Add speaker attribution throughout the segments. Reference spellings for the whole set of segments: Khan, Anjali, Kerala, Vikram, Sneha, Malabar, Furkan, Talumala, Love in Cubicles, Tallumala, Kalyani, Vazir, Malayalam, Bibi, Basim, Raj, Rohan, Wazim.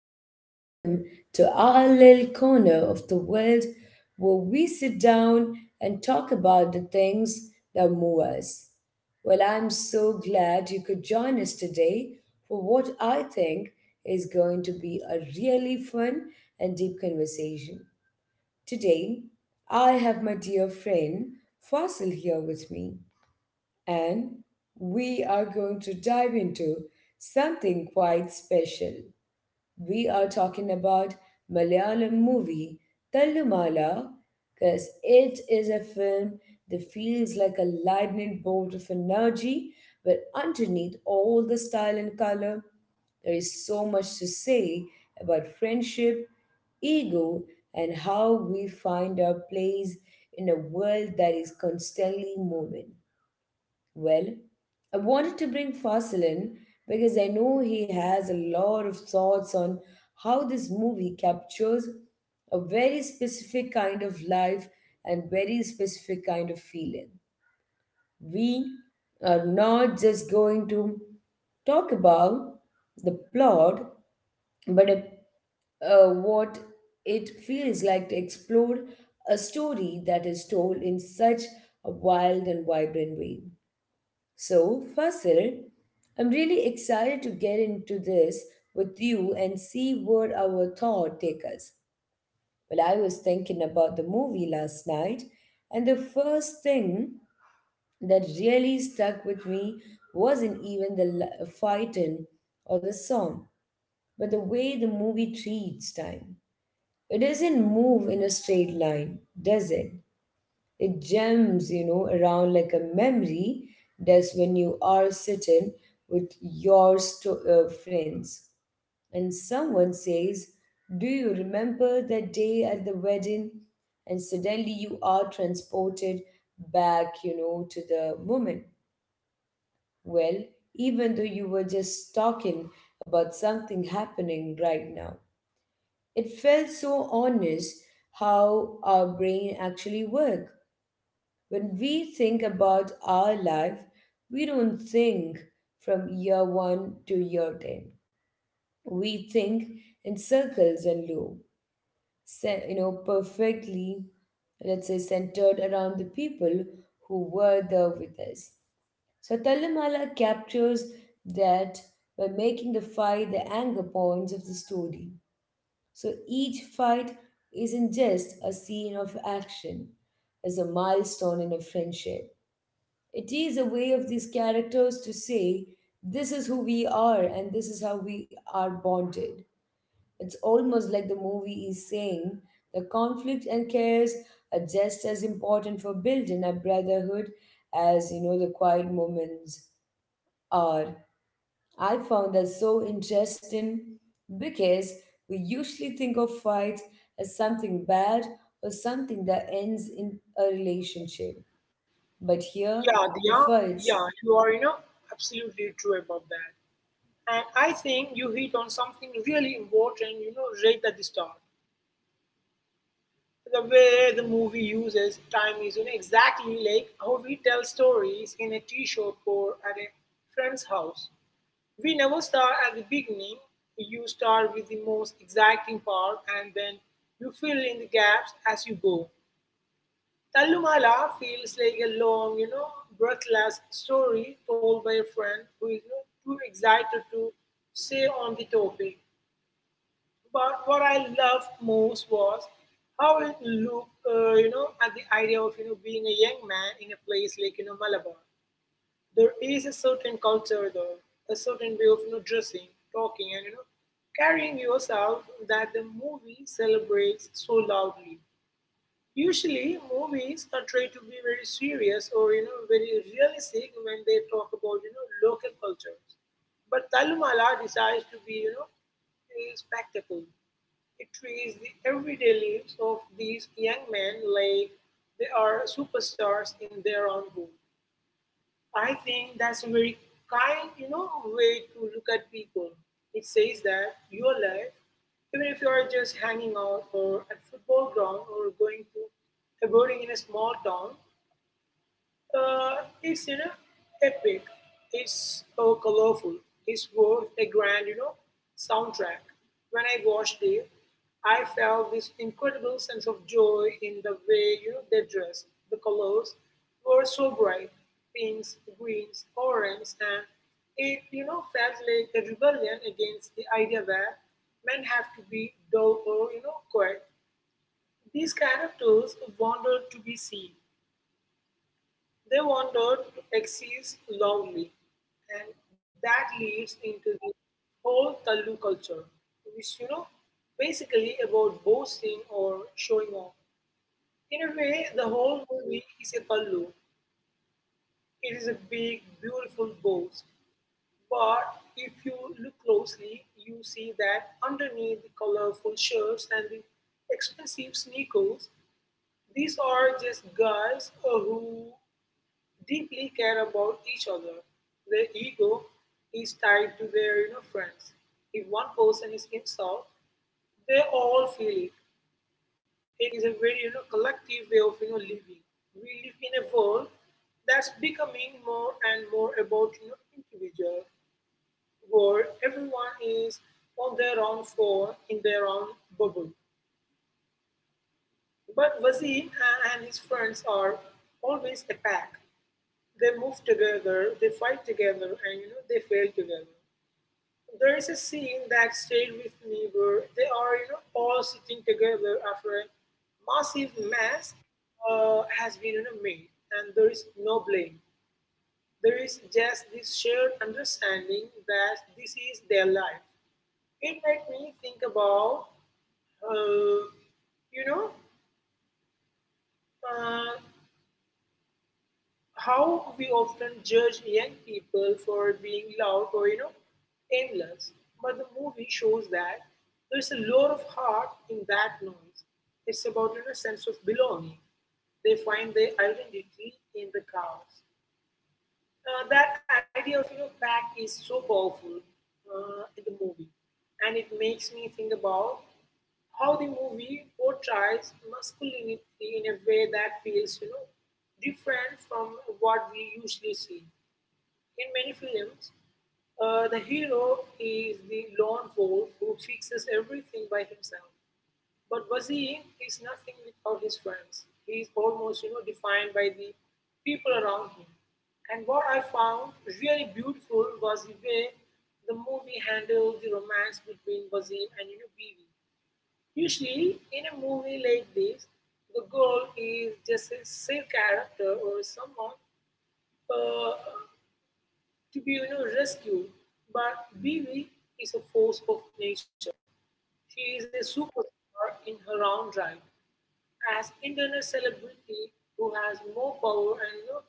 Speaker 1: and welcome to our little corner of the world where we sit down and talk about the things that move us. Well, I'm so glad you could join us today for what I think is going to be a really fun and deep conversation. Today, I have my dear friend Fasil here with me and we are going to dive into something quite special. We are talking about Malayalam movie Tallumala because it is a film that feels like a lightning bolt of energy, but underneath all the style and color, there is so much to say about friendship, ego, and how we find our place in a world that is constantly moving. Well, I wanted to bring Fasil in because I know he has a lot of thoughts on how this movie captures a very specific kind of life and very specific kind of feeling. We are not just going to talk about the plot, but what it feels like to explore a story that is told in such a wild and vibrant way. So, Fasil, I'm really excited to get into this with you and see where our thought take us. Well, I was thinking about the movie last night, and the first thing that really stuck with me wasn't even the fighting or the song, but the way the movie treats time. It doesn't move in a straight line, does it? It jumps, you know, around like a memory does when you are sitting with your friends and someone says, do you remember that day at the wedding? And suddenly you are transported back, you know, to the moment. Well, even though you were just talking about something happening right now, it felt so honest how our brain actually works. When we think about our life, we don't think from year one to year 10. We think in circles and loop, perfectly, let's say, centered around the people who were there with us. So Talamala captures that by making the fight the anchor points of the story. So each fight isn't just a scene of action, it's a milestone in a friendship. It is a way of these characters to say, this is who we are and this is how we are bonded. It's almost like the movie is saying the conflict and cares are just as important for building a brotherhood as you know the quiet moments are. I found that so interesting because we usually think of fights as something bad or something that ends in a relationship. But here,
Speaker 2: Yeah,
Speaker 1: the
Speaker 2: Diya,
Speaker 1: fights.
Speaker 2: yeah, you are, absolutely true about that. And I think you hit on something really important, right at the start. The way the movie uses time is, exactly like how we tell stories in a tea shop or at a friend's house. We never start at the beginning. You start with the most exacting part and then you fill in the gaps as you go. Talumala feels like a long, breathless story told by a friend who is not too excited to say on the topic. But what I loved most was how it looked, at the idea of, being a young man in a place like, Malabar. There is a certain culture though, a certain way of, dressing, talking and, carrying yourself that the movie celebrates so loudly. Usually, movies are try to be very serious or very realistic when they talk about local cultures. But Talumala decides to be a spectacle. It treats the everyday lives of these young men like they are superstars in their own home. I think that's a very kind, way to look at people. It says that your life, even if you are just hanging out or at football ground or going to a boarding in a small town, it's epic. It's colorful. It's worth a grand soundtrack. When I watched it, I felt this incredible sense of joy in the way they dressed. The colors were so bright, pinks, greens, oranges, and it felt like a rebellion against the idea that men have to be dull or quiet. These characters wanted to be seen. They wanted to exist loudly, and that leads into the whole Tallu culture, which basically about boasting or showing off. In a way, the whole movie is a Tallu. It is a big, beautiful boast, but if you look closely, you see that underneath the colorful shirts and the expensive sneakers, these are just guys who deeply care about each other. Their ego is tied to their friends. If one person is insulted, they all feel it. It is a very collective way of living. We live in a world that's becoming more and more about individual, where everyone is on their own floor in their own bubble. But Wazim and his friends are always a pack. They move together, they fight together, and they fail together. There is a scene that stayed with me where they are all sitting together after a massive mess has been made, and there is no blame. There is just this shared understanding that this is their life. It made me think about uh, you know, uh, how we often judge young people for being loud or aimless, but the movie shows that there's a lot of heart in that noise. It's about sense of belonging. They find their identity in the chaos. That idea of pack is so powerful in the movie, and it makes me think about how the movie portrays masculinity in a way that feels, different from what we usually see. In many films, the hero is the lone wolf who fixes everything by himself. But Vazir is nothing without his friends. He is almost, defined by the people around him. And what I found really beautiful was the way the movie handled the romance between Vazir and, Bibi. Usually, in a movie like this, the goal is just a save character or someone uh, to be rescued. But Bibi is a force of nature. She is a superstar in her own right, as internet celebrity who has more power and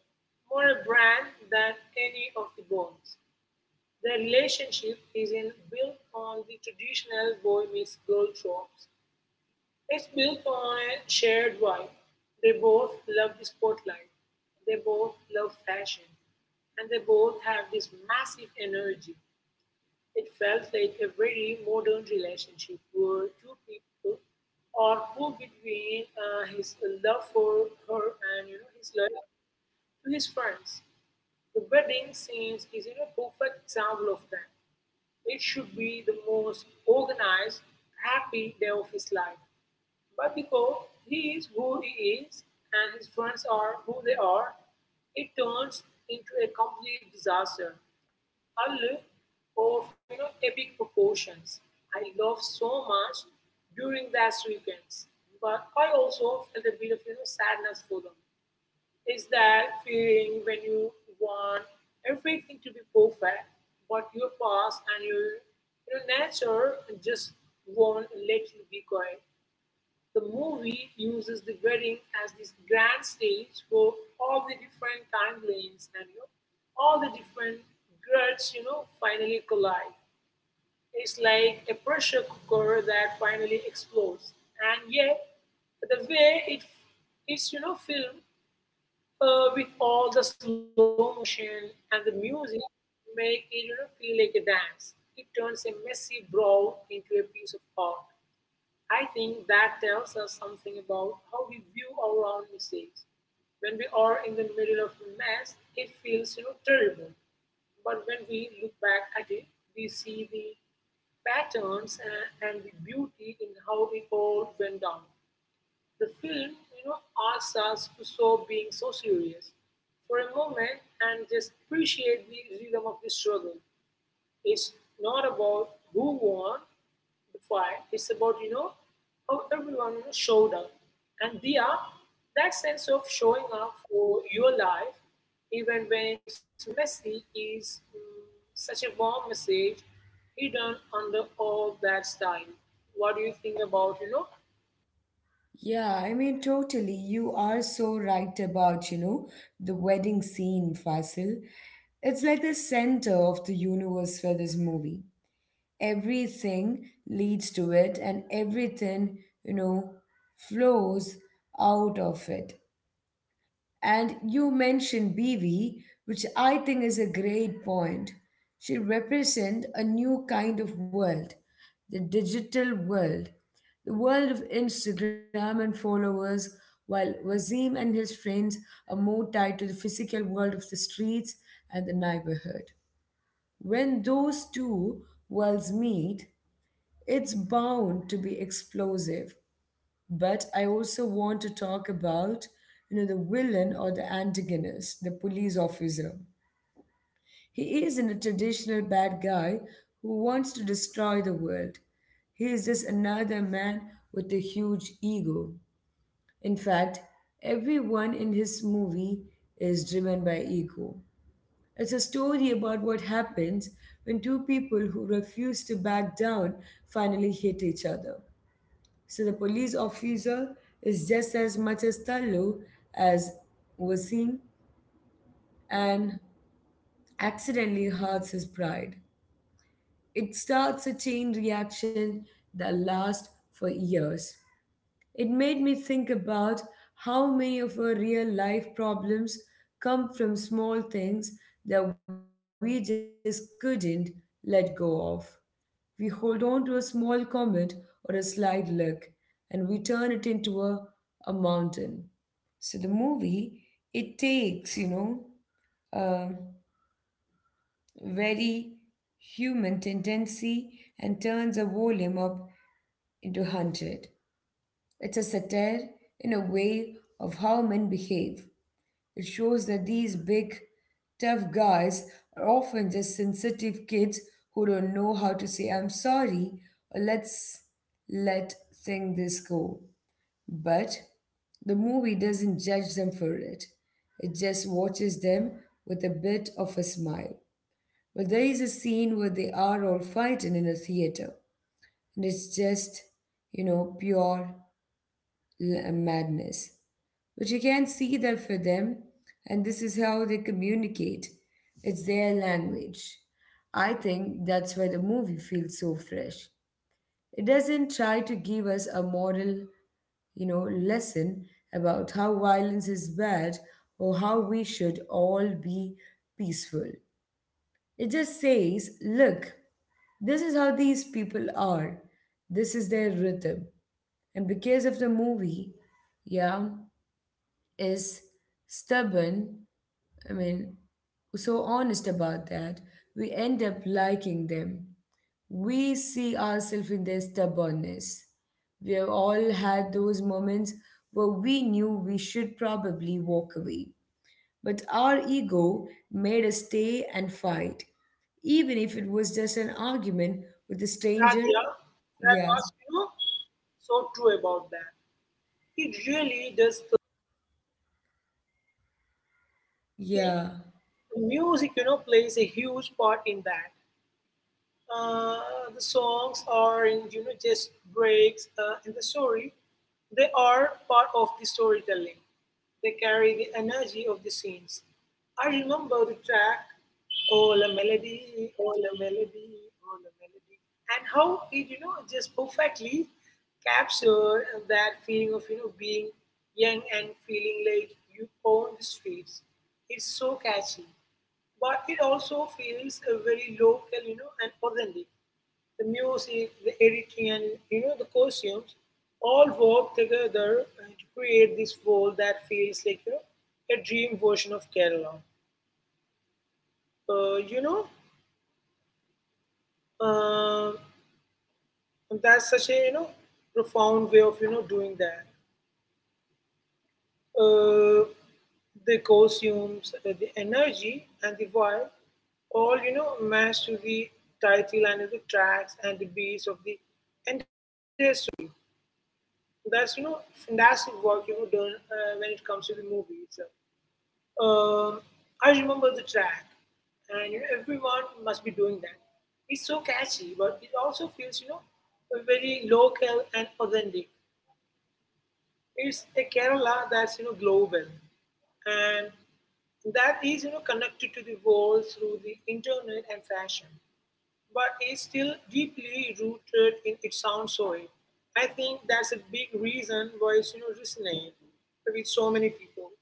Speaker 2: more a brand than any of the bonds. Their relationship is in built on the traditional boy meets girl tropes. It's built on a shared vibe. They both love the spotlight, they both love fashion, and they both have this massive energy. It felt like a very modern relationship where two people are who between his love for her and his love to his friends. The wedding scenes is a perfect example of that. It should be the most organized, happy day of his life, but because he is who he is and his friends are who they are, it turns into a complete disaster. A look of epic proportions. I laughed so much during that weekends, but I also felt a bit of sadness for them. Is that feeling when you want everything to be perfect, but your past and your nature just won't let you be quiet. The movie uses the wedding as this grand stage for all the different timelines and all the different worlds finally collide. It's like a pressure cooker that finally explodes, and yet the way it's filmed, with all the slow motion and the music, make it feel like a dance. It turns a messy brawl into a piece of art. I think that tells us something about how we view our own mistakes. When we are in the middle of a mess, it feels terrible. But when we look back at it, we see the patterns and the beauty in how it all went down. The film, asks us to stop being so serious for a moment and just appreciate the rhythm of the struggle. It's not about who won. The fight is about how everyone showed up, and they, that sense of showing up for your life, even when it's messy, is such a warm message hidden under all that style. What do you think about
Speaker 1: Yeah, I mean, totally. You are so right about, you know, the wedding scene, Fasil. It's like the center of the universe for this movie. Everything leads to it, and everything, you know, flows out of it. And you mentioned Bibi, which I think is a great point. She represents a new kind of world, the digital world, the world of Instagram and followers, while Wazim and his friends are more tied to the physical world of the streets and the neighborhood. When those two worlds meet, it's bound to be explosive. But I also want to talk about, you know, the villain or the antagonist, the police officer. He isn't a traditional bad guy who wants to destroy the world. He is just another man with a huge ego. In fact, everyone in his movie is driven by ego. It's a story about what happens when two people who refuse to back down finally hit each other. So the police officer is just as much as Tallu as Wasim and accidentally hurts his pride. It starts a chain reaction that lasts for years. It made me think about how many of our real life problems come from small things that we just couldn't let go of. We hold on to a small comment or a slight look and we turn it into a mountain. So the movie, it takes, you know, a very human tendency and turns a volume up into 100. It's a satire in a way of how men behave. It shows that these big, tough guys are often just sensitive kids who don't know how to say I'm sorry or let's let thing this go. But the movie doesn't judge them for it, it just watches them with a bit of a smile. But there is a scene where they are all fighting in a theater, and it's just, you know, pure madness. But you can't see that for them, and this is how they communicate, it's their language. I think that's why the movie feels so fresh. It doesn't try to give us a moral, you know, lesson about how violence is bad or how we should all be peaceful. It just says, look, this is how these people are. This is their rhythm. And because of the movie, yeah, is stubborn, I mean, so honest about that, we end up liking them. We see ourselves in their stubbornness. We have all had those moments where we knew we should probably walk away, but our ego made us stay and fight, even if it was just an argument with a
Speaker 2: that?
Speaker 1: stranger.
Speaker 2: Yeah, that
Speaker 1: Yeah,
Speaker 2: was so true about that. It really does. I think
Speaker 1: yeah.
Speaker 2: music plays a huge part in that. uh, the songs are in just breaks in the story. They are part of the storytelling. They carry the energy of the scenes. I remember the track, oh la melody, oh la melody, oh la melody, and how it just perfectly captured that feeling of being young and feeling like you own the streets. It's so catchy, but it also feels very local, and authentic. The music, the editing, and the costumes all work together to create this world that feels like a dream version of Kerala. Uh, you know, uh, that's such a profound way of doing that. uh, the costumes, the energy, and the vibe all match to the title and the tracks and the beats of the entire story. That's fantastic work done when it comes to the movie itself. Um, I remember the track, and everyone must be doing that. It's so catchy, but it also feels very local and authentic. It's a Kerala that's global, and that is connected to the world through the internet and fashion, but is still deeply rooted in its own soil. I think that's a big reason why it's resonate with so many people.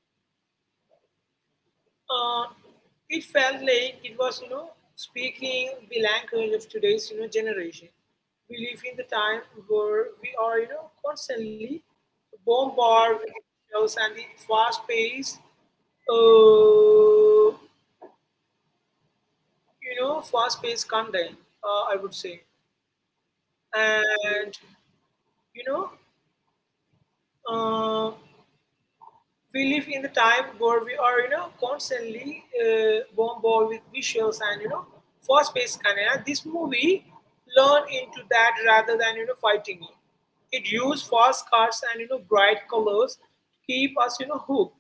Speaker 2: uh, it felt like it was, speaking the language of today's, generation. We live in the time where we are, constantly bombarded with shows and the uh, fast paced content, I would say. And, you know, uh, we live in the time where we are, constantly bombarded with visuals and fast-paced content. And this movie learned into that rather than fighting it. It used fast cuts and bright colors to keep us hooked,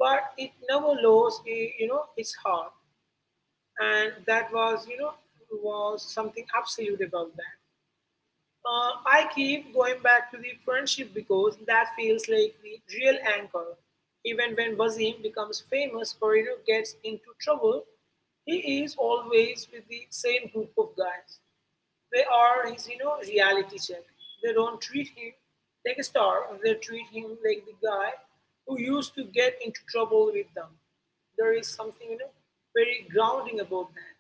Speaker 2: but it never lost its heart, and that was you know was something absolute about that. I keep going back to the friendship because that feels like the real anchor. Even when Wazim becomes famous or gets into trouble, he is always with the same group of guys. They are his, reality check. They don't treat him like a star. They treat him like the guy who used to get into trouble with them. There is something, very grounding about that.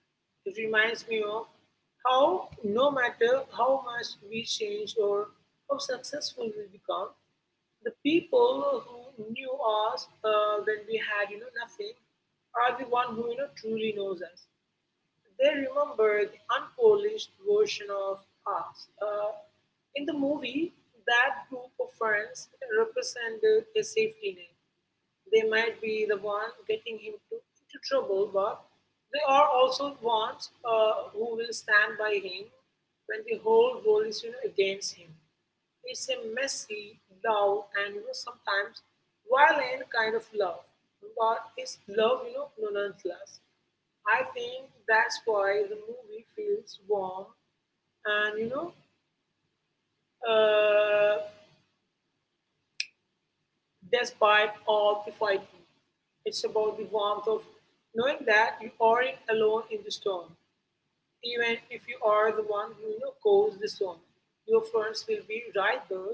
Speaker 2: It reminds me of how, no matter how much we change or how successful we become, the people who knew us when we had, nothing are the one who, truly knows us. They remember the unpolished version of us. In the movie, that group of friends represented a safety net. They might be the one getting him into trouble, but they are also ones who will stand by him when the whole world is, you know, against him. It's a messy, loud, and, you know, sometimes violent kind of love, but it's love, you know, nonetheless. I think that's why the movie feels warm and, you know, uh, despite all the fighting, it's about the warmth of knowing that you aren't alone in the storm. Even if you are the one who, caused the storm, your friends will be right there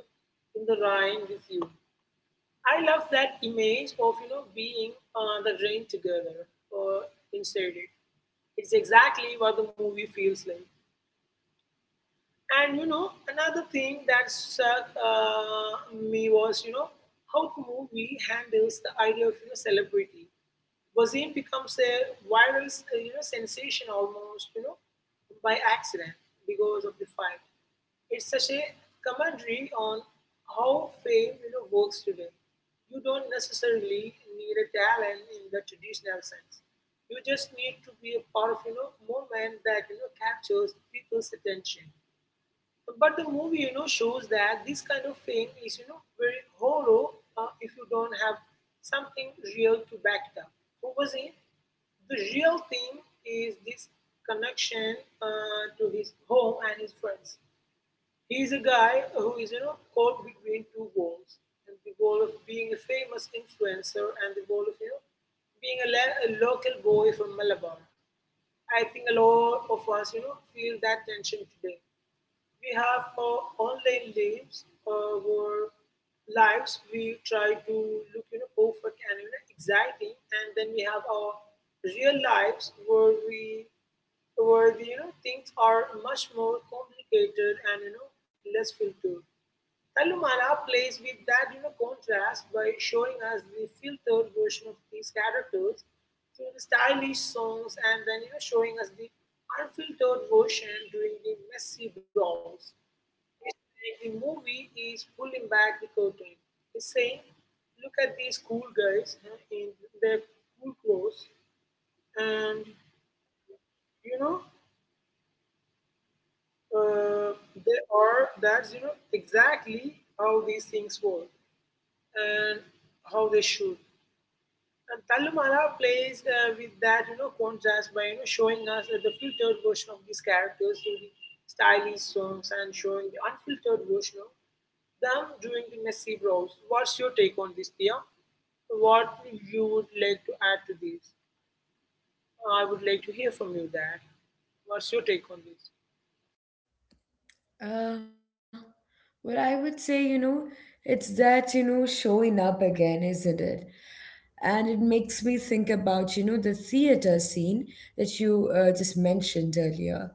Speaker 2: in the rain with you. I love that image of, being on the rain together or inside it. It's exactly what the movie feels like. Another thing that struck me was, how the movie handles the idea of, celebrity. Wasim becomes a viral sensation, almost, by accident because of the fight. It's such a commentary on how fame, works today. You don't necessarily need a talent in the traditional sense. You just need to be a part of, moment that, captures people's attention, but the movie, shows that this kind of thing is, very hollow if you don't have something real to back it up. What was it? The real thing is this connection to his home and his friends. He is a guy who is, caught between two walls, and the wall of being a famous influencer and the wall of, being a local boy from Malabar. I think a lot of us, feel that tension today. We have online lives where lives we try to look, you know, perfect and, you know, exciting, and then we have our real lives where we where the, you know, things are much more complicated and, you know, less filtered. Talumala plays with that, contrast by showing us the filtered version of these characters through the stylish songs and then, showing us the unfiltered version during the messy brawls. It's like the movie is pulling back the curtain. It's saying, look at these cool guys in their cool clothes, and, you know, uh, they are that's you know, exactly how these things work and how they should. And Talumala plays with that, contrast by, showing us the filtered version of these characters through the stylish songs and showing the unfiltered version of them doing the massive browse. What's your take on this, Dia? What you would like to add to this? I would like to hear from you that. What's your take on this?
Speaker 1: Uh, well, I would say, you know, it's that, you know, showing up again, isn't it? And it makes me think about you know the theater scene that you just mentioned earlier.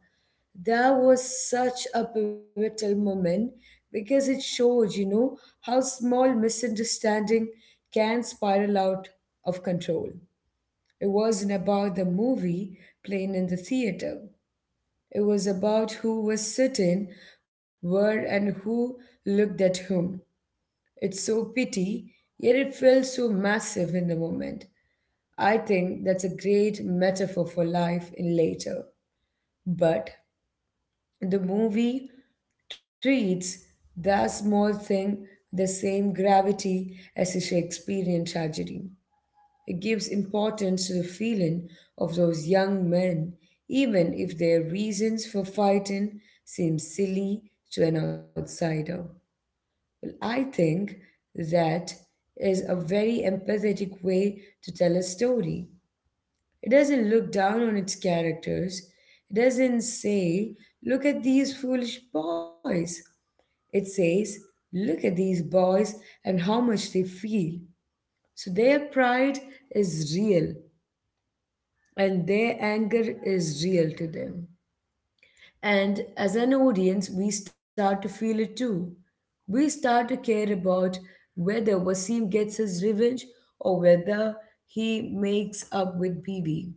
Speaker 1: That was such a pivotal moment because it showed you know how small misunderstanding can spiral out of control. It wasn't about the movie playing in the theater, it was about who was sitting where and who looked at whom. It's so pity, yet it felt so massive in the moment. I think that's a great metaphor for life in later. But the movie treats that small thing the same gravity as a Shakespearean tragedy. It gives importance to the feeling of those young men, even if their reasons for fighting seem silly to an outsider. Well, I think that is a very empathetic way to tell a story. It doesn't look down on its characters. It doesn't say, look at these foolish boys. It says, look at these boys and how much they feel. So their pride is real and their anger is real to them. And as an audience, we start to feel it too. We start to care about whether Wasim gets his revenge or whether he makes up with Bibi.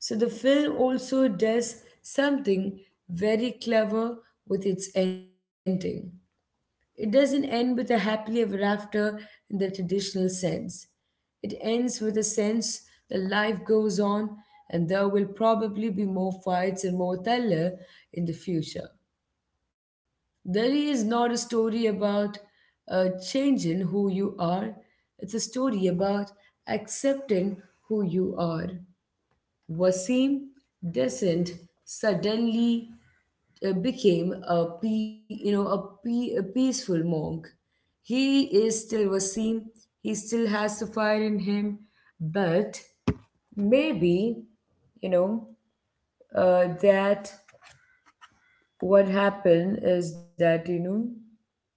Speaker 1: So the film also does something very clever with its ending. It doesn't end with a happily ever after in the traditional sense. It ends with a sense that life goes on and there will probably be more fights and more thriller in the future. There is not a story about changing who you are, it's a story about accepting who you are. Wasim doesn't suddenly became a pe- you know a, pe- a peaceful monk. He is still Wasim. He still has the fire in him, but maybe you know that what happened is that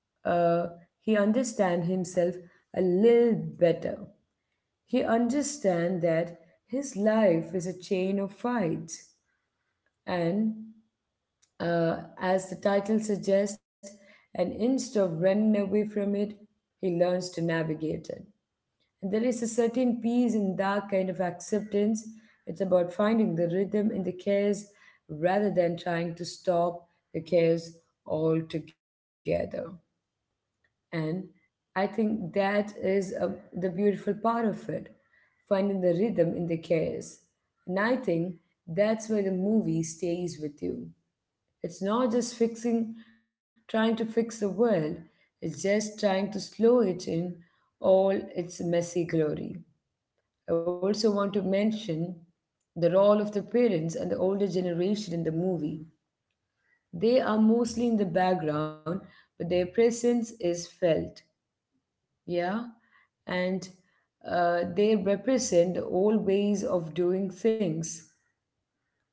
Speaker 1: know uh, he understand himself a little better. He understand that his life is a chain of fights and as the title suggests, and instead of running away from it, he learns to navigate it. And there is a certain peace in that kind of acceptance. It's about finding the rhythm in the chaos rather than trying to stop the chaos altogether. And I think that is the beautiful part of it, finding the rhythm in the chaos. And I think that's where the movie stays with you. It's not just trying to fix the world, it's just trying to slow it in all its messy glory. I also want to mention the role of the parents and the older generation in the movie. They are mostly in the background, but their presence is felt. Yeah? And they represent the old ways of doing things,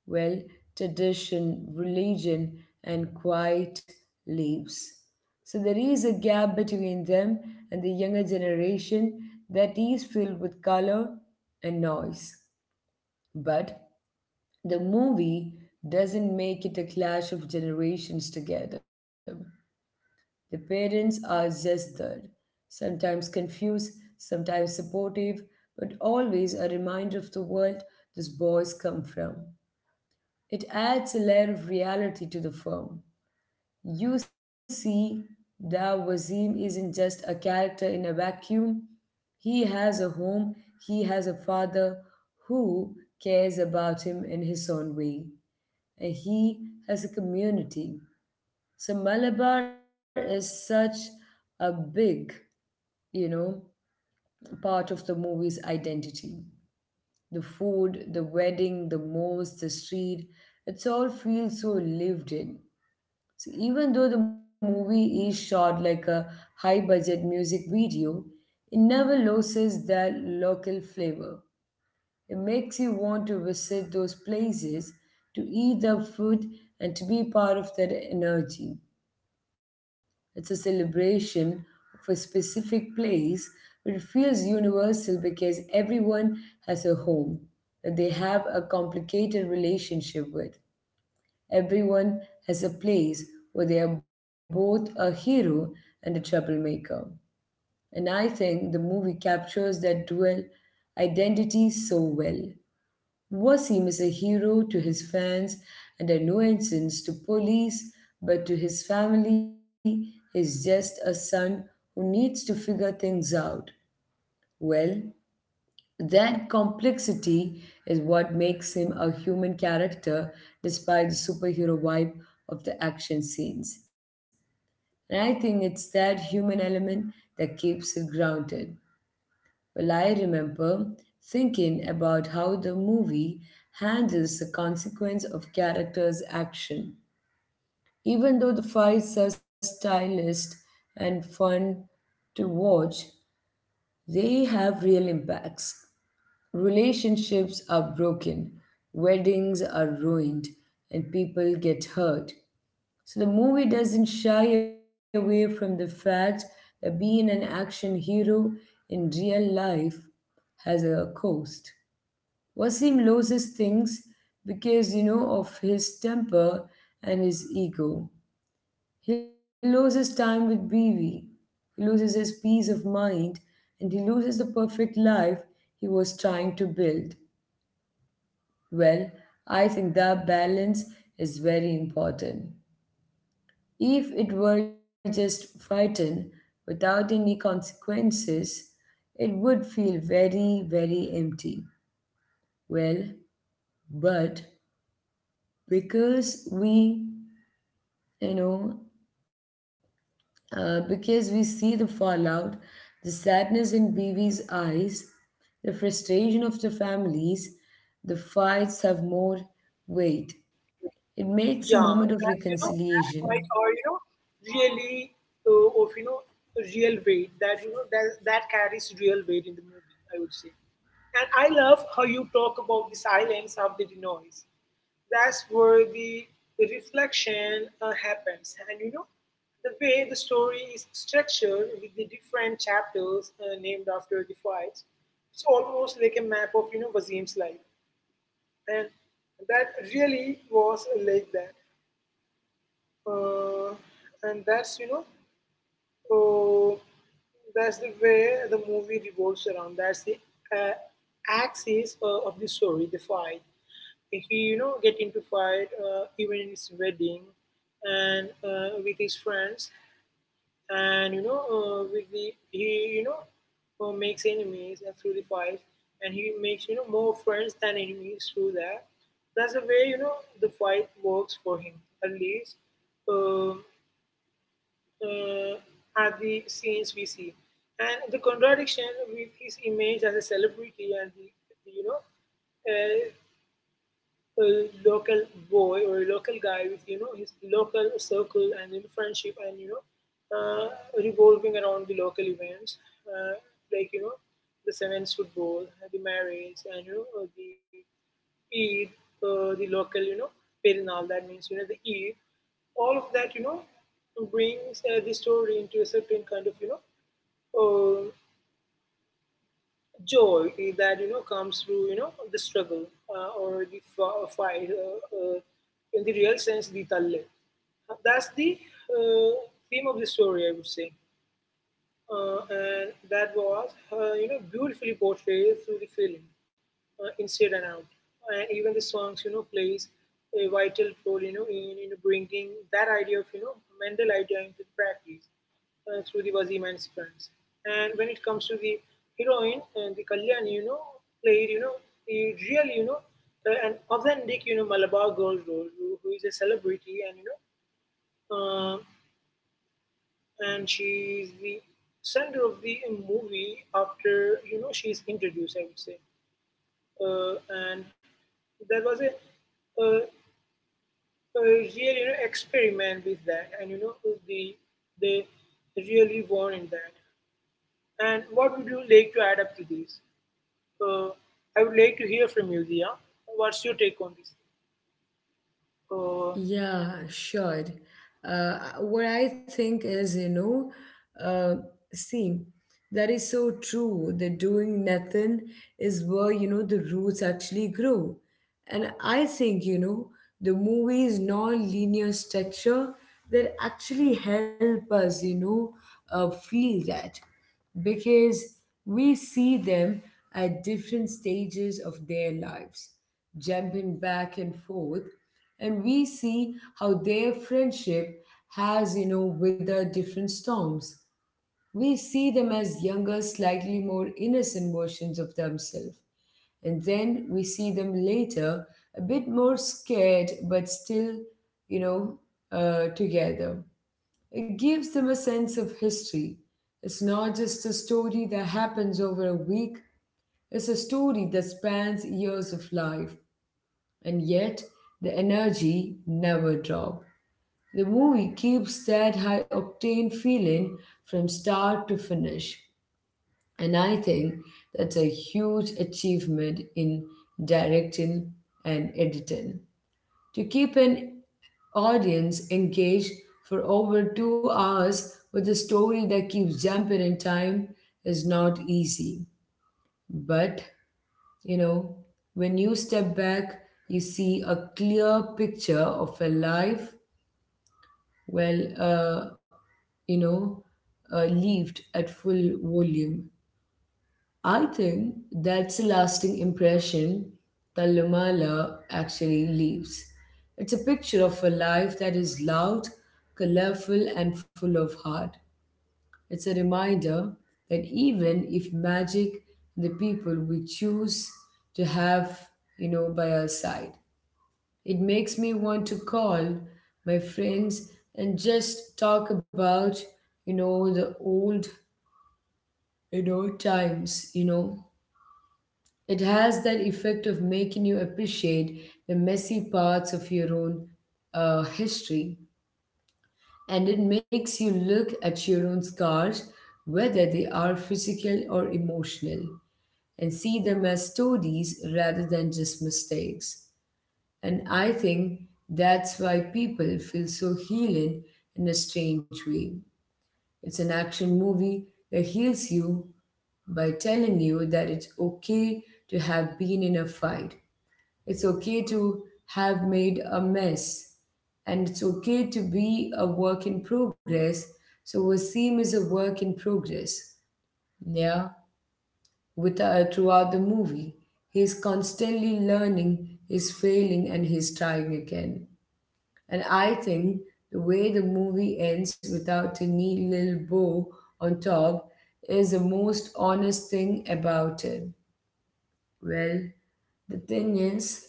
Speaker 1: well, tradition, religion, and quiet lives. So there is a gap between them and the younger generation that is filled with color and noise. But the movie doesn't make it a clash of generations together. The parents are just there, sometimes confused, sometimes supportive, but always a reminder of the world those boys come from. It adds a layer of reality to the film. You see that Wazim isn't just a character in a vacuum. He has a home, he has a father who cares about him in his own way, and he has a community. So Malabar is such a big, you know, part of the movie's identity. The food, the wedding, the mosque, the street, it all feels so lived in. So even though the movie is shot like a high budget music video, it never loses that local flavor. It makes you want to visit those places to eat the food and to be part of that energy. It's a celebration of a specific place, but it feels universal because everyone has a home that they have a complicated relationship with. Everyone has a place where they are both a hero and a troublemaker. And I think the movie captures that dual identity so well. Wasim is a hero to his fans and a nuisance to police, but to his family, he's just a son who needs to figure things out. Well, that complexity is what makes him a human character despite the superhero vibe of the action scenes. And I think it's that human element that keeps it grounded. Well, I remember thinking about how the movie handles the consequence of characters' action. Even though the fights are stylized and fun to watch, they have real impacts. Relationships are broken, weddings are ruined, and people get hurt. So the movie doesn't shy away from the fact that being an action hero in real life has a cost. Wasim loses things because of his temper and his ego. He loses time with Bibi. He loses his peace of mind, and he loses the perfect life he was trying to build. Well, I think that balance is very important. If it were just frightened without any consequences, it would feel very, very empty. Well, but because we, you know, because we see the fallout, the sadness in BV's eyes, the frustration of the families, the fights have more weight. It
Speaker 2: Yeah,
Speaker 1: makes a moment
Speaker 2: that's,
Speaker 1: of
Speaker 2: you know, that's quite, or,
Speaker 1: reconciliation.
Speaker 2: you know, really of you know real weight that, that that carries real weight in the movie, I would say, and I love how you talk about the silence of the noise. That's where the reflection happens, and, you know, the way the story is structured with the different chapters named after the fights. It's almost like a map of, Wazim's life, and that really was like that. Uh, and that's, you know, uh, that's the way the movie revolves around. That's the uh, axis of the story, the fight. If he, get into fight even in his wedding and with his friends and, you know, with the, he, you know, makes enemies through the fight and he makes, more friends than enemies through that. That's the way, the fight works for him, at least. Um uh, at the scenes we see. And the contradiction with his image as a celebrity and the, you know, uh, a local boy or a local guy with, his local circle and, friendship and, uh, revolving around the local events, uh, like, the sevens football, the marriage, and, the Eat the local, Perinal, that means, the eat, all of that, brings the story into a certain kind of, uh, joy that, comes through, the struggle or the fight in the real sense, the talle. That's the uh, theme of the story, I would say. And that was, beautifully portrayed through the film, inside and out, and even the songs, you know, plays a vital role, you know, in bringing that idea of, you know, mental idea into the practice, through the Wazim and sequence. And when it comes to the heroine, and the Kalyani, you know, played, you know, a real, you know, an authentic, you know, Malabar girl role who is a celebrity, and, you know, uh, and she's the center of the movie after, you know, she's introduced, I would say. Uh, and there was a, a, a real, you know, experiment with that, and, you know, the they really warned that. And what would you like to add up to this? Uh, i would like to hear from you, Dia. What's your take on this? uh,
Speaker 1: Yeah, sure. What I think is, uh, see, that is so true. That doing nothing is where the roots actually grow. And I think the movie's non linear structure that actually help us feel that. Because we see them at different stages of their lives, jumping back and forth, and we see how their friendship has withered different storms. We see them as younger, slightly more innocent versions of themselves, and then we see them later a bit more scared, but still, you know, together. It gives them a sense of history. It's not just a story that happens over a week, it's a story that spans years of life. And yet, the energy never drops. The movie keeps that high octane feeling from start to finish. And I think that's a huge achievement in directing and editing. To keep an audience engaged for over 2 hours with a story that keeps jumping in time is not easy. But, you know, when you step back, you see a clear picture of a life well, uh, you know, lived at full volume. I think that's a lasting impression that Lumala actually leaves. It's a picture of a life that is loud, colorful, and full of heart. It's a reminder that even if magic and the people we choose to have by our side, it makes me want to call my friends and just talk about the old times. It has that effect of making you appreciate the messy parts of your own history, and it makes you look at your own scars, whether they are physical or emotional, and see them as stories rather than just mistakes. And I think that's why people feel so healing in a strange way. It's an action movie that heals you by telling you that it's okay to have been in a fight. It's okay to have made a mess, and it's okay to be a work in progress. So Wasim is a work in progress. Yeah, with throughout the movie, he's constantly learning, he's failing, and he's trying again. And I think the way the movie ends without a neat little bow on top is the most honest thing about it. Well, the thing is,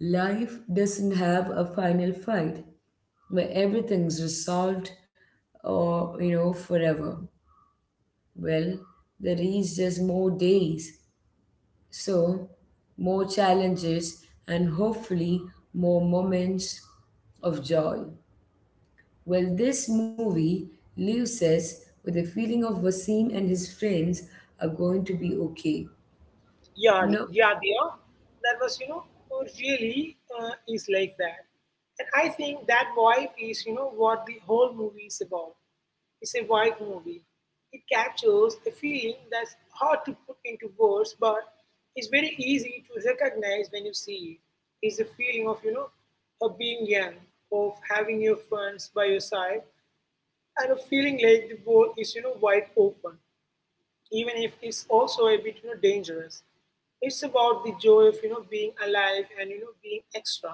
Speaker 1: life doesn't have a final fight where everything's resolved or forever. Well, there is just more days. So, more challenges, and hopefully more moments of joy. Well, this movie leaves us with the feeling of Wasim and his friends are going to be okay.
Speaker 2: Yeah,
Speaker 1: No,
Speaker 2: yeah, they. That was, really is like that. And I think that vibe is, what the whole movie is about. It's a vibe movie. It captures a feeling that's hard to put into words, but it's very easy to recognize when you see it. It's a feeling of, of being young, of having your friends by your side, and a feeling like the world is, wide open, even if it's also a bit, dangerous. It's about the joy of, being alive and, being extra.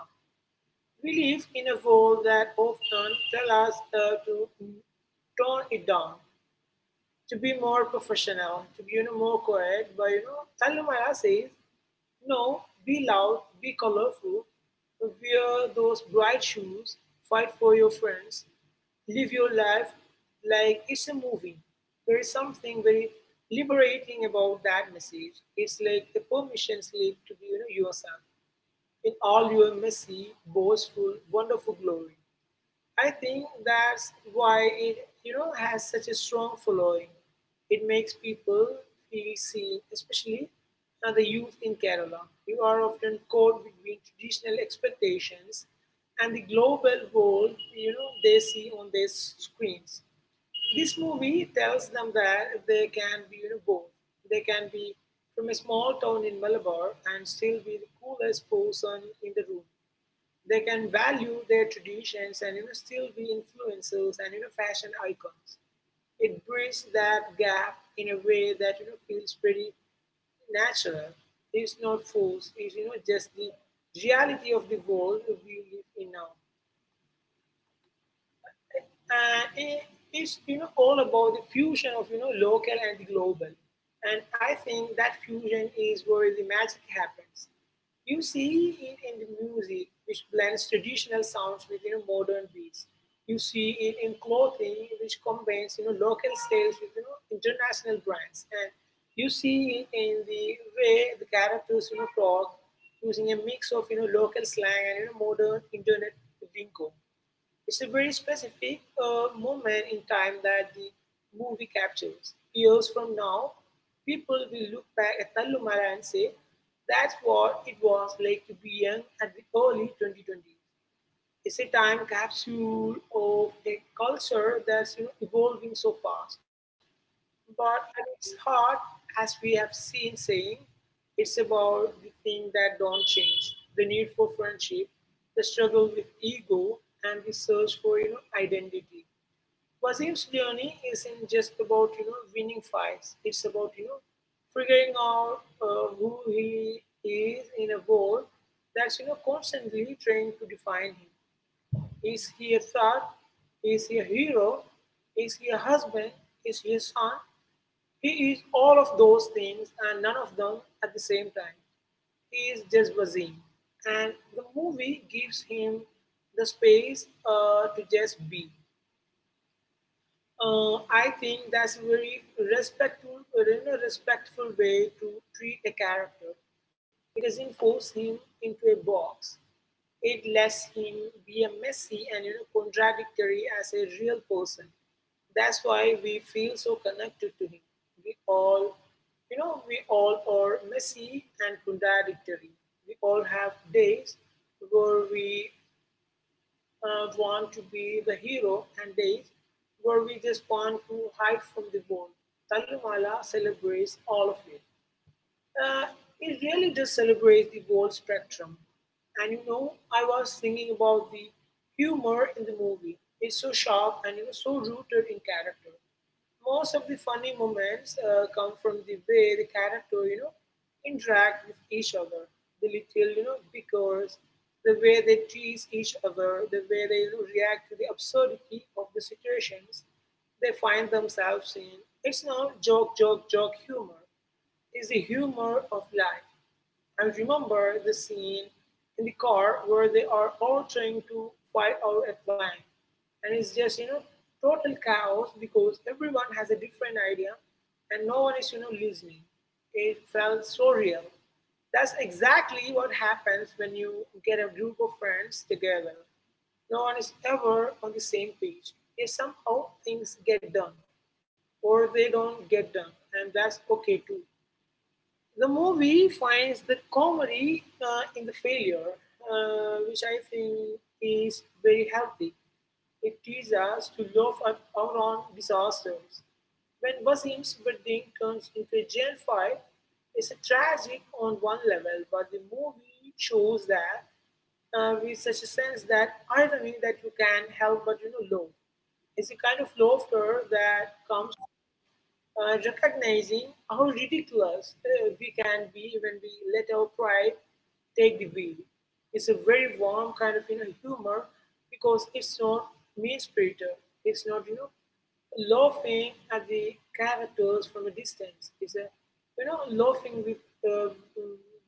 Speaker 2: We live in a world that often tell us to tone it down, to be more professional, to be, more quiet. But, Talumala says, no, be loud, be colorful, wear those bright shoes, fight for your friends, live your life like it's a movie. There is something very liberating about that message. It's like a permission slip to be, yourself in all your messy, boastful, wonderful glory. I think that's why it, has such a strong following. It makes people feel seen, especially the youth in Kerala. You are often caught between traditional expectations and the global world, you know, they see on their screens. This movie tells them that they can be, both. They can be from a small town in Malabar and still be the coolest person in the room. They can value their traditions and, still be influencers and, fashion icons. It bridges that gap in a way that, feels pretty natural. It's not forced. It's, just the reality of the world we live in now. And it is, all about the fusion of, local and the global. And I think that fusion is where the magic happens. You see it in the music, which blends traditional sounds with, modern beats. You see it in clothing, which combines, local styles with, international brands. And you see it in the way the characters, talk, using a mix of, local slang and, modern internet lingo. It's a very specific moment in time that the movie captures. Years from now, people will look back at Tallumala and say, that's what it was like to be young at the early 2020s. It's a time capsule of a culture that's, evolving so fast. But at its heart, as we have seen saying, it's about the things that don't change: the need for friendship, the struggle with ego, and the search for, identity. Wasim's journey isn't just about, winning fights. It's about, figuring out who he is in a world that's, constantly trying to define him. Is he a thug? Is he a hero? Is he a husband? Is he a son? He is all of those things and none of them at the same time. He is just Wasim. And the movie gives him the space to just be. I think that's a very respectful, in a respectful way to treat a character. It doesn't force him into a box. It lets him be a messy and, contradictory as a real person. That's why we feel so connected to him. We all, we all are messy and contradictory. We all have days where we want to be the hero and days where we just want to hide from the world. Talumala celebrates all of it. Uh, it really does celebrate the whole spectrum. I was thinking about the humor in the movie. It's so sharp and, so rooted in character. Most of the funny moments come from the way the character, interact with each other. The little, bickers, the way they tease each other, the way they, react to the absurdity of the situations they find themselves in. It's not joke, joke, joke humor, is the humor of life. I remember the scene in the car where they are all trying to fight out a plan, and it's just, total chaos because everyone has a different idea and no one is, listening. It felt so real. That's exactly what happens when you get a group of friends together. No one is ever on the same page. Yet somehow things get done, or they don't get done, and that's okay too. The movie finds the comedy in the failure, which I think is very healthy. It teaches us to laugh at our own disasters. When Wasim's wedding turns into a jail fight, it's a tragic on one level, but the movie shows that with such a sense that irony that you can help but, love. It's a kind of laughter that comes recognizing how ridiculous we can be when we let our pride take the wheel. It's a very warm kind of, humor, because it's not mean spirited. It's not, laughing at the characters from a distance. It's a, laughing with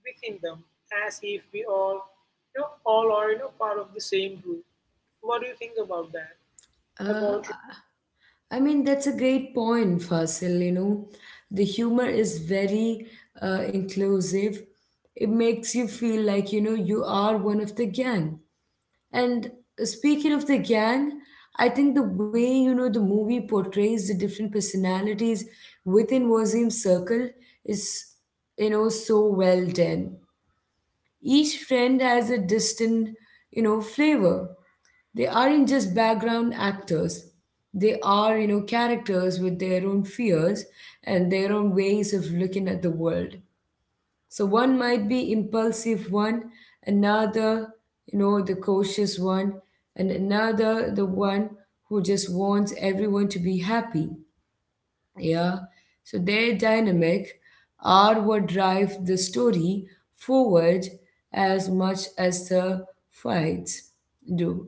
Speaker 2: within them as if we all, all are, part of the same group. What do you think about that?
Speaker 1: uh,
Speaker 2: About you?
Speaker 1: I mean, that's a great point, Fasil. You know, the humor is very inclusive. It makes you feel like you are one of the gang. And speaking of the gang, I think the way the movie portrays the different personalities within Wazim's circle is so well done. Each friend has a distinct flavor. They aren't just background actors. They are characters with their own fears and their own ways of looking at the world. So one might be impulsive one, another the cautious one, and another the one who just wants everyone to be happy. Yeah. So their dynamic are what drive the story forward as much as the fights do.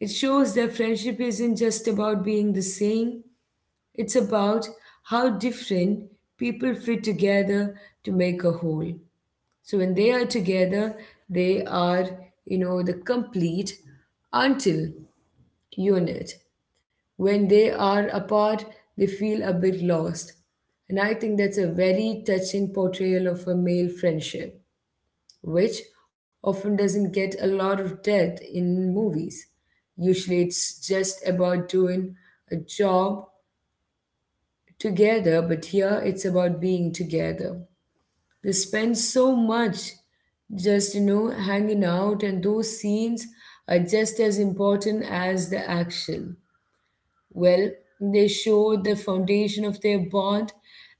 Speaker 1: It shows that friendship isn't just about being the same, it's about how different people fit together to make a whole. So when they are together, they are the complete until unit. When they are apart, they feel a bit lost. And I think that's a very touching portrayal of a male friendship which often doesn't get a lot of depth in movies. Usually it's just about doing a job together, but here it's about being together. They spend so much just hanging out, and those scenes are just as important as the action. Well, they show the foundation of their bond,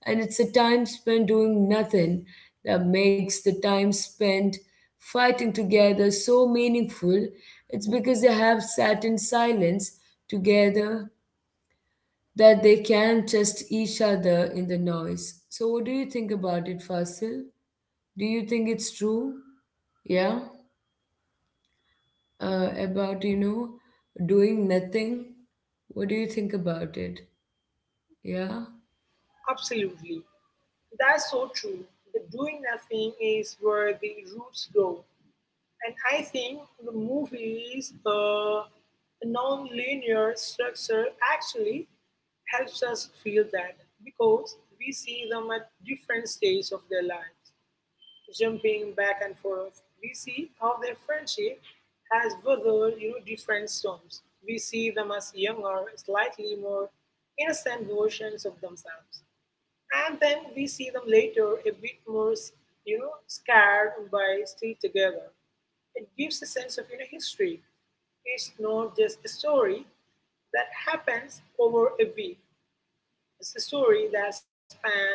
Speaker 1: and it's a time spent doing nothing that makes the time spent fighting together so meaningful. It's because they have sat in silence together that they can trust each other in the noise. So, what do you think about it, Fasil? Do you think it's true? Yeah, about doing nothing. What do you think about it? Yeah.
Speaker 2: Absolutely. That's so true. The doing nothing is where the roots go. And I think the movies, the non linear structure actually helps us feel that, because we see them at different stages of their lives, jumping back and forth. We see how their friendship has weathered, different storms. We see them as younger, slightly more innocent versions of themselves, and then we see them later a bit more, scared by still together. It gives a sense of, history. It's not just a story that happens over a week. It's a story that spans,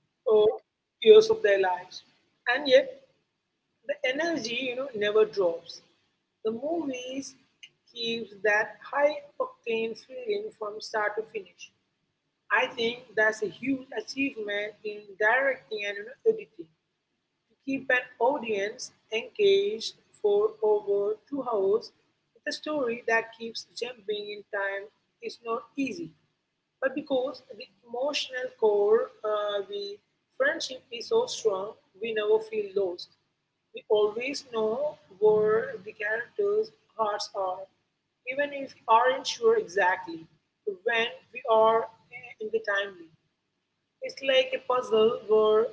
Speaker 2: oh, years of their lives, and yet the energy, never drops. The movies gives that high octane feeling from start to finish. I think that's a huge achievement in directing and, editing. Keep an audience engaged for over 2 hours with a story that keeps jumping in time is not easy. But because the emotional core, the friendship is so strong, we never feel lost. We always know where the characters' hearts are, even if we aren't sure exactly when we are in the time loop. It's like a puzzle where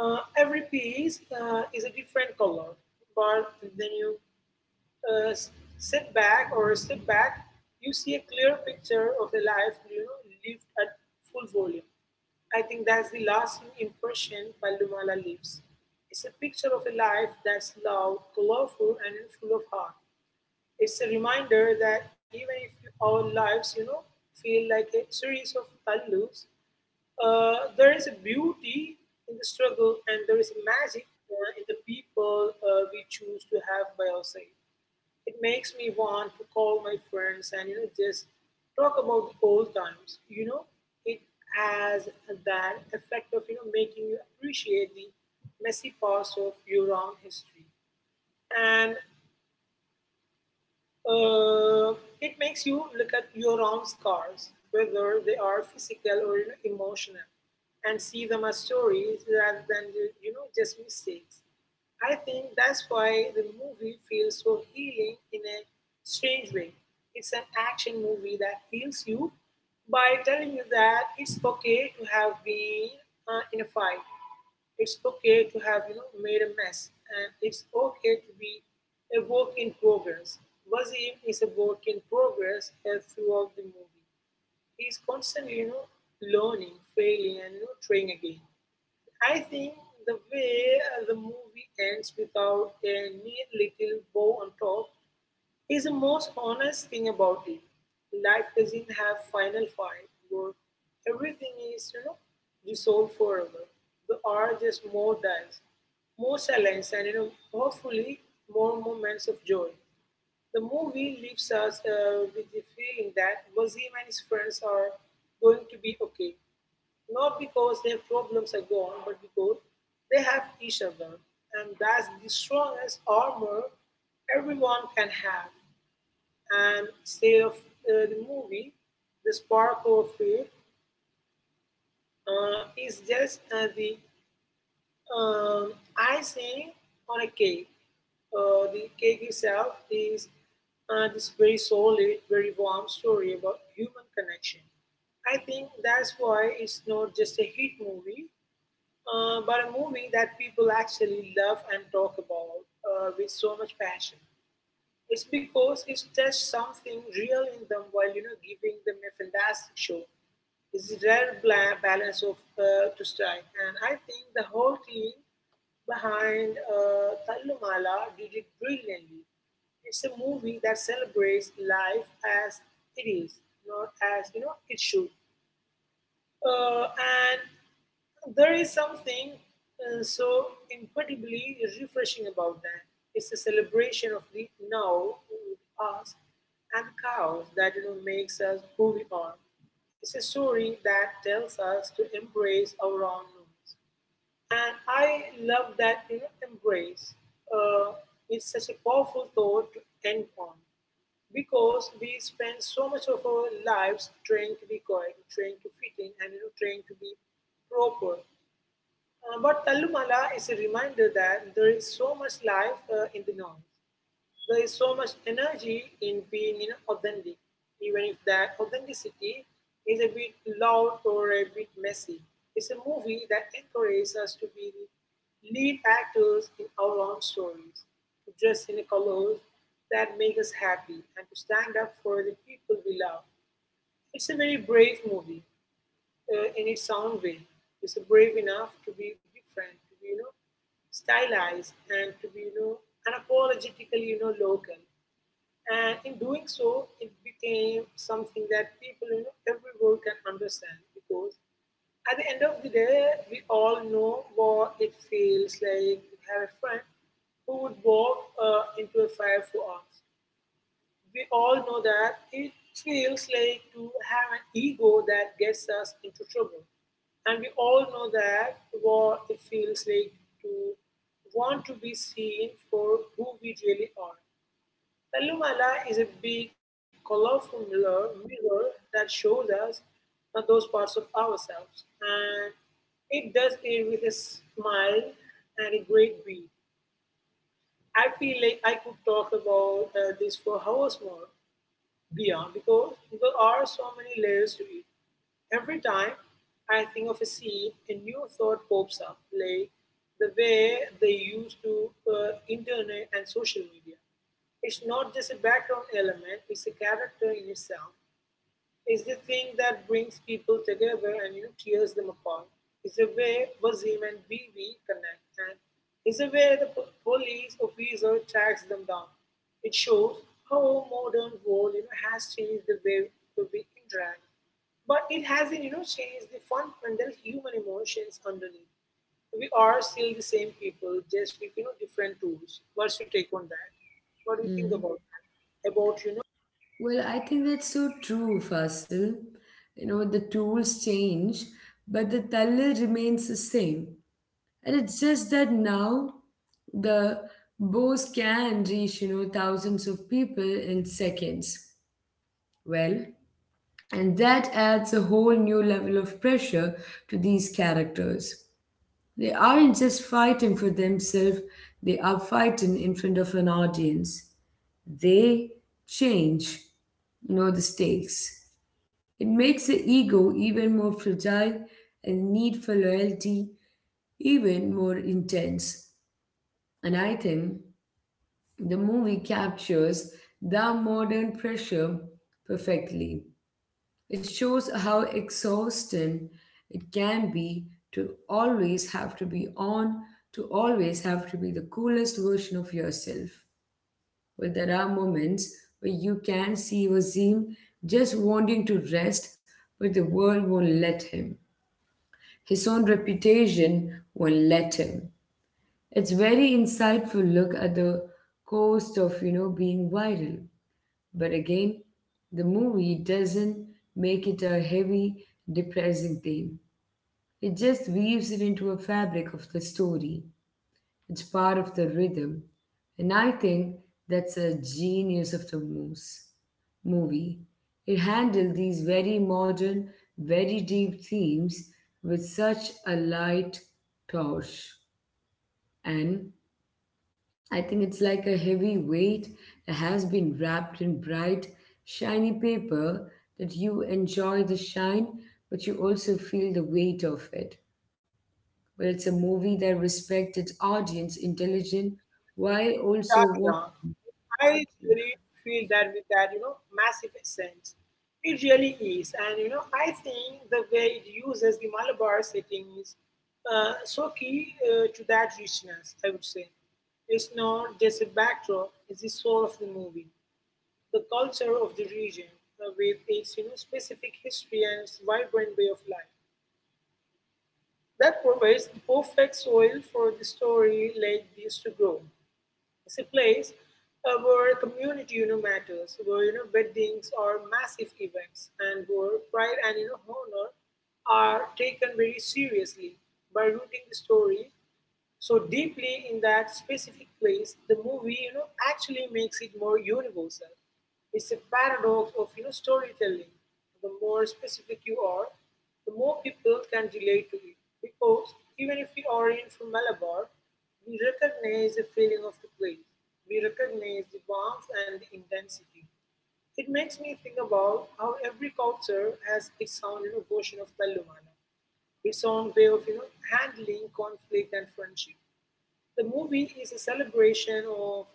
Speaker 2: every piece is a different color, but then you uh, sit back or step back, you see a clear picture of a life, lived at full volume. I think that's the lasting impression Palumala leaves. It's a picture of a life that's loud, colorful, and full of heart. It's a reminder that even if our lives, feel like a series of thumb loops, there is a beauty in the struggle, and there is a magic in the people we choose to have by our side. It makes me want to call my friends and, just talk about the old times. It has that effect of, making you appreciate the messy parts of your own history. And it makes you look at your own scars, whether they are physical or, emotional, and see them as stories rather than, just mistakes. I think that's why the movie feels so healing in a strange way. It's an action movie that heals you by telling you that it's okay to have been in a fight. It's okay to have, made a mess, and it's okay to be a work in progress. Wazim is a work in progress throughout the movie. He's constantly, learning, failing, and, trying again. I think the way the movie ends without a neat little bow on top is the most honest thing about it. Life doesn't have final fight where everything is, dissolved forever. There are just more dies, more silence, and, hopefully more moments of joy. The movie leaves us with the feeling that Wazim and his friends are going to be okay, not because their problems are gone, but because they have each other, and that's the strongest armor everyone can have, and state of the movie, the spark of it is just the um, icing on a cake. The cake itself is this very solid, very warm story about human connection. I think that's why it's not just a hit movie, but a movie that people actually love and talk about with so much passion. It's because it tests something real in them while, giving them a fantastic show. It's a rare balance of to strike, and I think the whole team behind Tallumala did it brilliantly. It's a movie that celebrates life as it is, not as, it should. And there is something so incredibly refreshing about that. It's a celebration of the now with us and cows that, makes us who we are. It's a story that tells us to embrace our own roots, and I love that, embrace. Uh, it's such a powerful thought to end on, because we spend so much of our lives trying to be quiet, trying to fit in, and, trying to be proper. But Tallumala is a reminder that there is so much life in the noise. There is so much energy in being, authentic, even if that authenticity is a bit loud or a bit messy. It's a movie that encourages us to be the lead actors in our own stories, to dress in the colors that make us happy, and to stand up for the people we love. It's a very brave movie, in its own way, is brave enough to be different, to be, stylized, and to be, unapologetically, local. And in doing so, it became something that people, everywhere can understand, because at the end of the day, we all know what it feels like to have a friend who would walk into a fire for us. We all know that it feels like to have an ego that gets us into trouble. And we all know that what it feels like to want to be seen for who we really are. Talumala is a big, colorful mirror, mirror that shows us those parts of ourselves. And it does it with a smile and a great beat. I feel like I could talk about this for hours more beyond, because there are so many layers to it. Every time I think of a scene, a new thought pops up, like the way they used to internet and social media. It's not just a background element, it's a character in itself, is the thing that brings people together and, tears them apart. Is a way Wazim and Bibi connect, and it's a way the police officer tracks them down. It shows how modern world, has changed the way to we interact, but it hasn't, changed the fundamental human emotions underneath. We are still the same people, just with, different tools. What's your take on that? What do you think
Speaker 1: Hmm.
Speaker 2: about that? About,
Speaker 1: Well, I think that's so true, Fasil. You know, the tools change, but the thaler remains the same. And it's just that now the bows can reach thousands of people in seconds. Well, and that adds a whole new level of pressure to these characters. They aren't just fighting for themselves, they are fighting in front of an audience. They change the stakes. It makes the ego even more fragile, and need for loyalty even more intense. And I think the movie captures that modern pressure perfectly. It shows how exhausting it can be to always have to be on, to always have to be the coolest version of yourself. But there are moments where you can see Wasim just wanting to rest, but the world won't let him. His own reputation won't let him. It's very insightful look at the cost of being viral. But again, the movie doesn't make it a heavy, depressing theme. It just weaves it into a fabric of the story. It's part of the rhythm. And I think that's a genius of the moose movie. It handled these very modern, very deep themes with such a light touch. And I think it's like a heavy weight that has been wrapped in bright, shiny paper, that you enjoy the shine, but you also feel the weight of it. Well, it's a movie that respects its audience intelligent
Speaker 2: yeah,
Speaker 1: while
Speaker 2: yeah.
Speaker 1: also want.
Speaker 2: I really feel that with that, massive sense. It really is. And, I think the way it uses the Malabar setting is so key to that richness, I would say. It's not just a backdrop, it's the soul of the movie. The culture of the region with its, specific history and its vibrant way of life. That provides the perfect soil for the story like this to grow. It's a place where community, matters, where, weddings are massive events, and where pride and, honor are taken very seriously. By rooting the story so deeply in that specific place, the movie, actually makes it more universal. It's a paradox of, storytelling. The more specific you are, the more people can relate to it. Because even if we are in from Malabar, we recognize the feeling of the place. We recognize the warmth and the intensity. It makes me think about how every culture has its own version of Talumana, its own way of handling conflict and friendship. The movie is a celebration of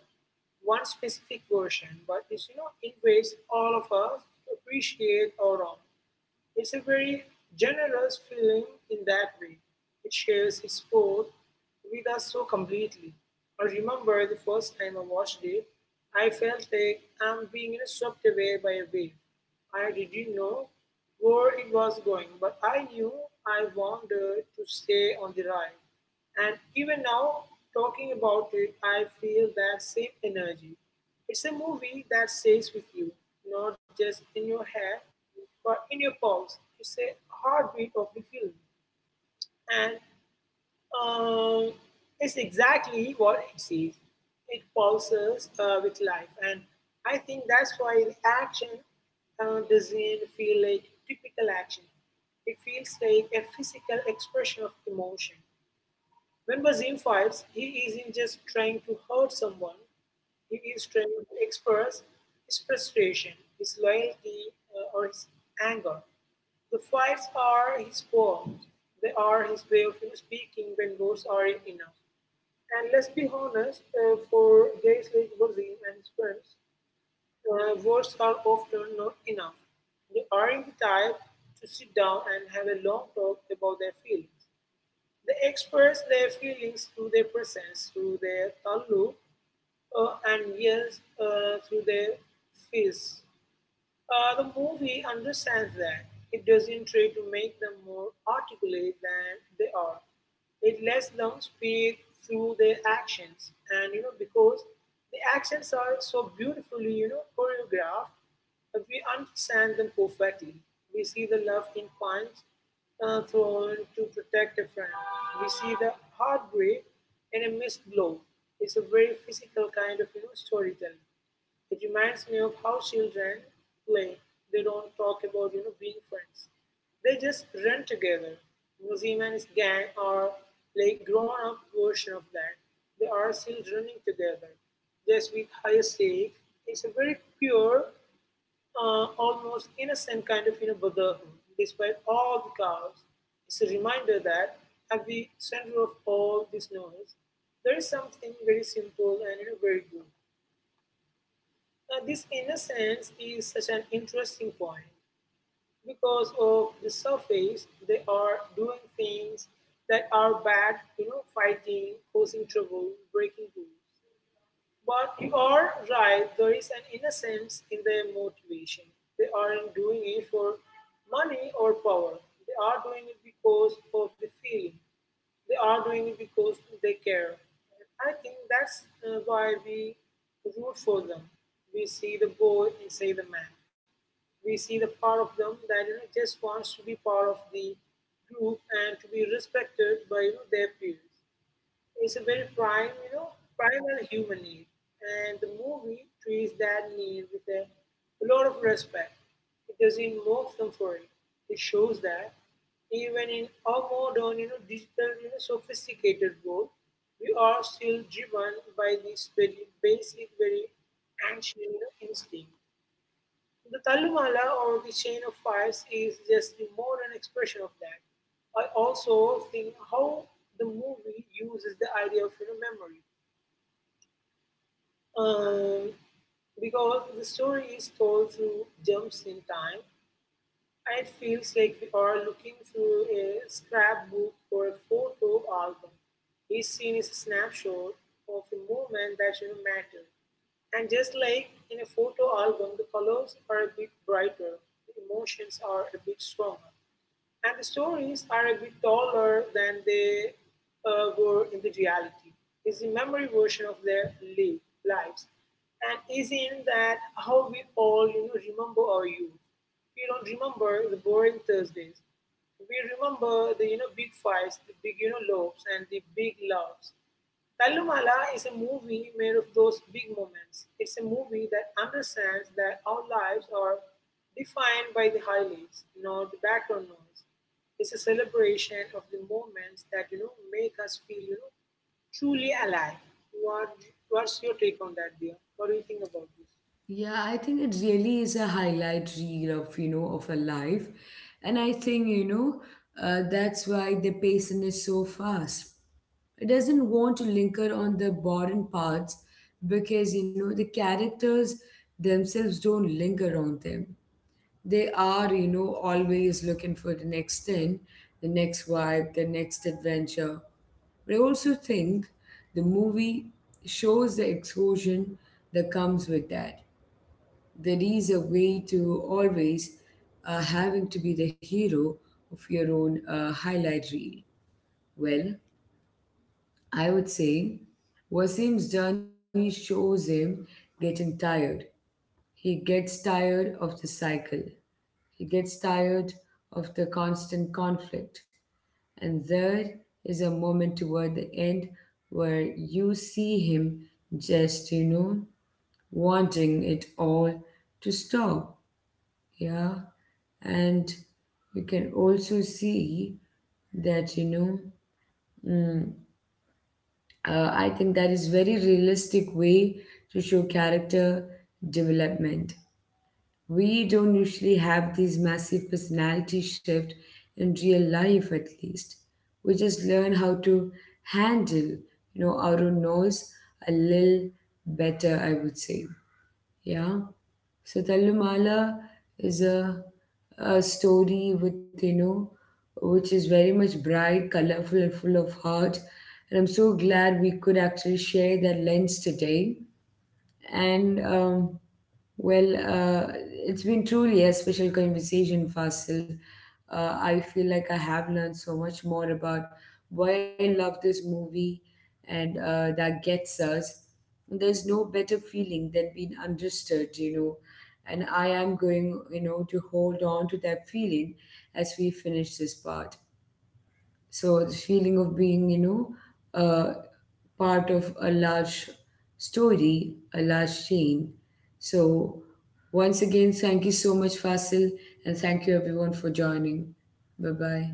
Speaker 2: one specific version, but it's it ways all of us to appreciate our own. It's a very generous film in that way. It shares its sport with us so completely. I remember the first time I watched it, I felt like I'm being swept away by a wave. I didn't know where it was going, but I knew I wanted to stay on the ride. And even now, talking about it, I feel that same energy. It's a movie that stays with you, not just in your hair, but in your pulse. It's a heartbeat of the film. And um, it's exactly what it says. It pulses with life. And I think that's why the action doesn't feel like typical action. It feels like a physical expression of emotion. When Basim fights, he isn't just trying to hurt someone, he is trying to express his frustration, his loyalty, or his anger. The fights are his poems, they are his way of speaking when words aren't enough. And let's be honest, for guys like Basim and his friends, words are often not enough. They aren't the type to sit down and have a long talk about their feelings. The express their feelings through their presence, through their taluk, and yes, through their fists. The movie understands that. It doesn't try to make them more articulate than they are. It lets them speak through their actions, and because the actions are so beautifully choreographed, that we understand them perfectly. We see the love in punch thrown to protect a friend. We see the heartbreak in a missed blow. It's a very physical kind of storytelling. It reminds me of how children play. They don't talk about being friends. They just run together. Museum and his gang are like grown up version of that. They are still running together, just with higher stakes. It's a very pure, almost innocent kind of brotherhood. Despite all the chaos, it's a reminder that at the center of all this noise, there is something very simple and very good. This innocence is such an interesting point because of the surface they are doing things that are bad, fighting, causing trouble, breaking rules, but you are right, there is an innocence in their motivation. They aren't doing it for money or power, they are doing it because of the feeling, they are doing it because they care. I think that's why we root for them. We see the boy inside the man. We see the part of them that just wants to be part of the group and to be respected by their peers. It's a very prime, primal human need. And the movie treats that need with a lot of respect. It doesn't mock them for it. It shows that even in our modern, digital, sophisticated world, we are still driven by this very basic, very ancient instinct. The talumala or the Chain of Fires is just the modern expression of that. I also think how the movie uses the idea of memory. Um, because the story is told through jumps in time, it feels like we are looking through a scrapbook or a photo album. Each scene is a snapshot of a moment that should matter. And just like in a photo album, the colors are a bit brighter, the emotions are a bit stronger. And the stories are a bit taller than they were in the reality. It's the memory version of their lives. And is in that how we all remember our youth? We don't remember the boring Thursdays. We remember the big fights, the big loves, and the big loves. Tallumala is a movie made of those big moments. It's a movie that understands that our lives are defined by the highlights, not the background noise. It's a celebration of the moments that make us feel truly alive. What What's your take on that, dear? What do you think about this?
Speaker 1: Yeah, I think it really is a highlight reel of a life. And I think that's why the pacing is so fast. It doesn't want to linger on the boring parts because the characters themselves don't linger on them. They are always looking for the next thing, the next vibe, the next adventure. But I also think the movie shows the exhaustion that comes with that. There is a way to always having to be the hero of your own highlight reel. Well, I would say Wasim's journey shows him getting tired. He gets tired of the cycle. He gets tired of the constant conflict. And there is a moment toward the end where you see him just wanting it all to stop. Yeah. And you can also see thatmm, I think that is very realistic way to show character development. We don't usually have these massive personality shift in real life, at least. We just learn how to handle our own nose a little better, I would say. Yeah. So Talumala is a story with you know which is very much bright, colorful, and full of heart, and I'm so glad we could actually share that lens today. And well, it's been truly a special conversation, Fasil. I feel like I have learned so much more about why I love this movie, and that gets us. There's no better feeling than being understood. And I am going to hold on to that feeling as we finish this part. So the feeling of beinguh, part of a large story, a large chain. So, once again, thank you so much, Fasil, and thank you everyone for joining. Bye bye.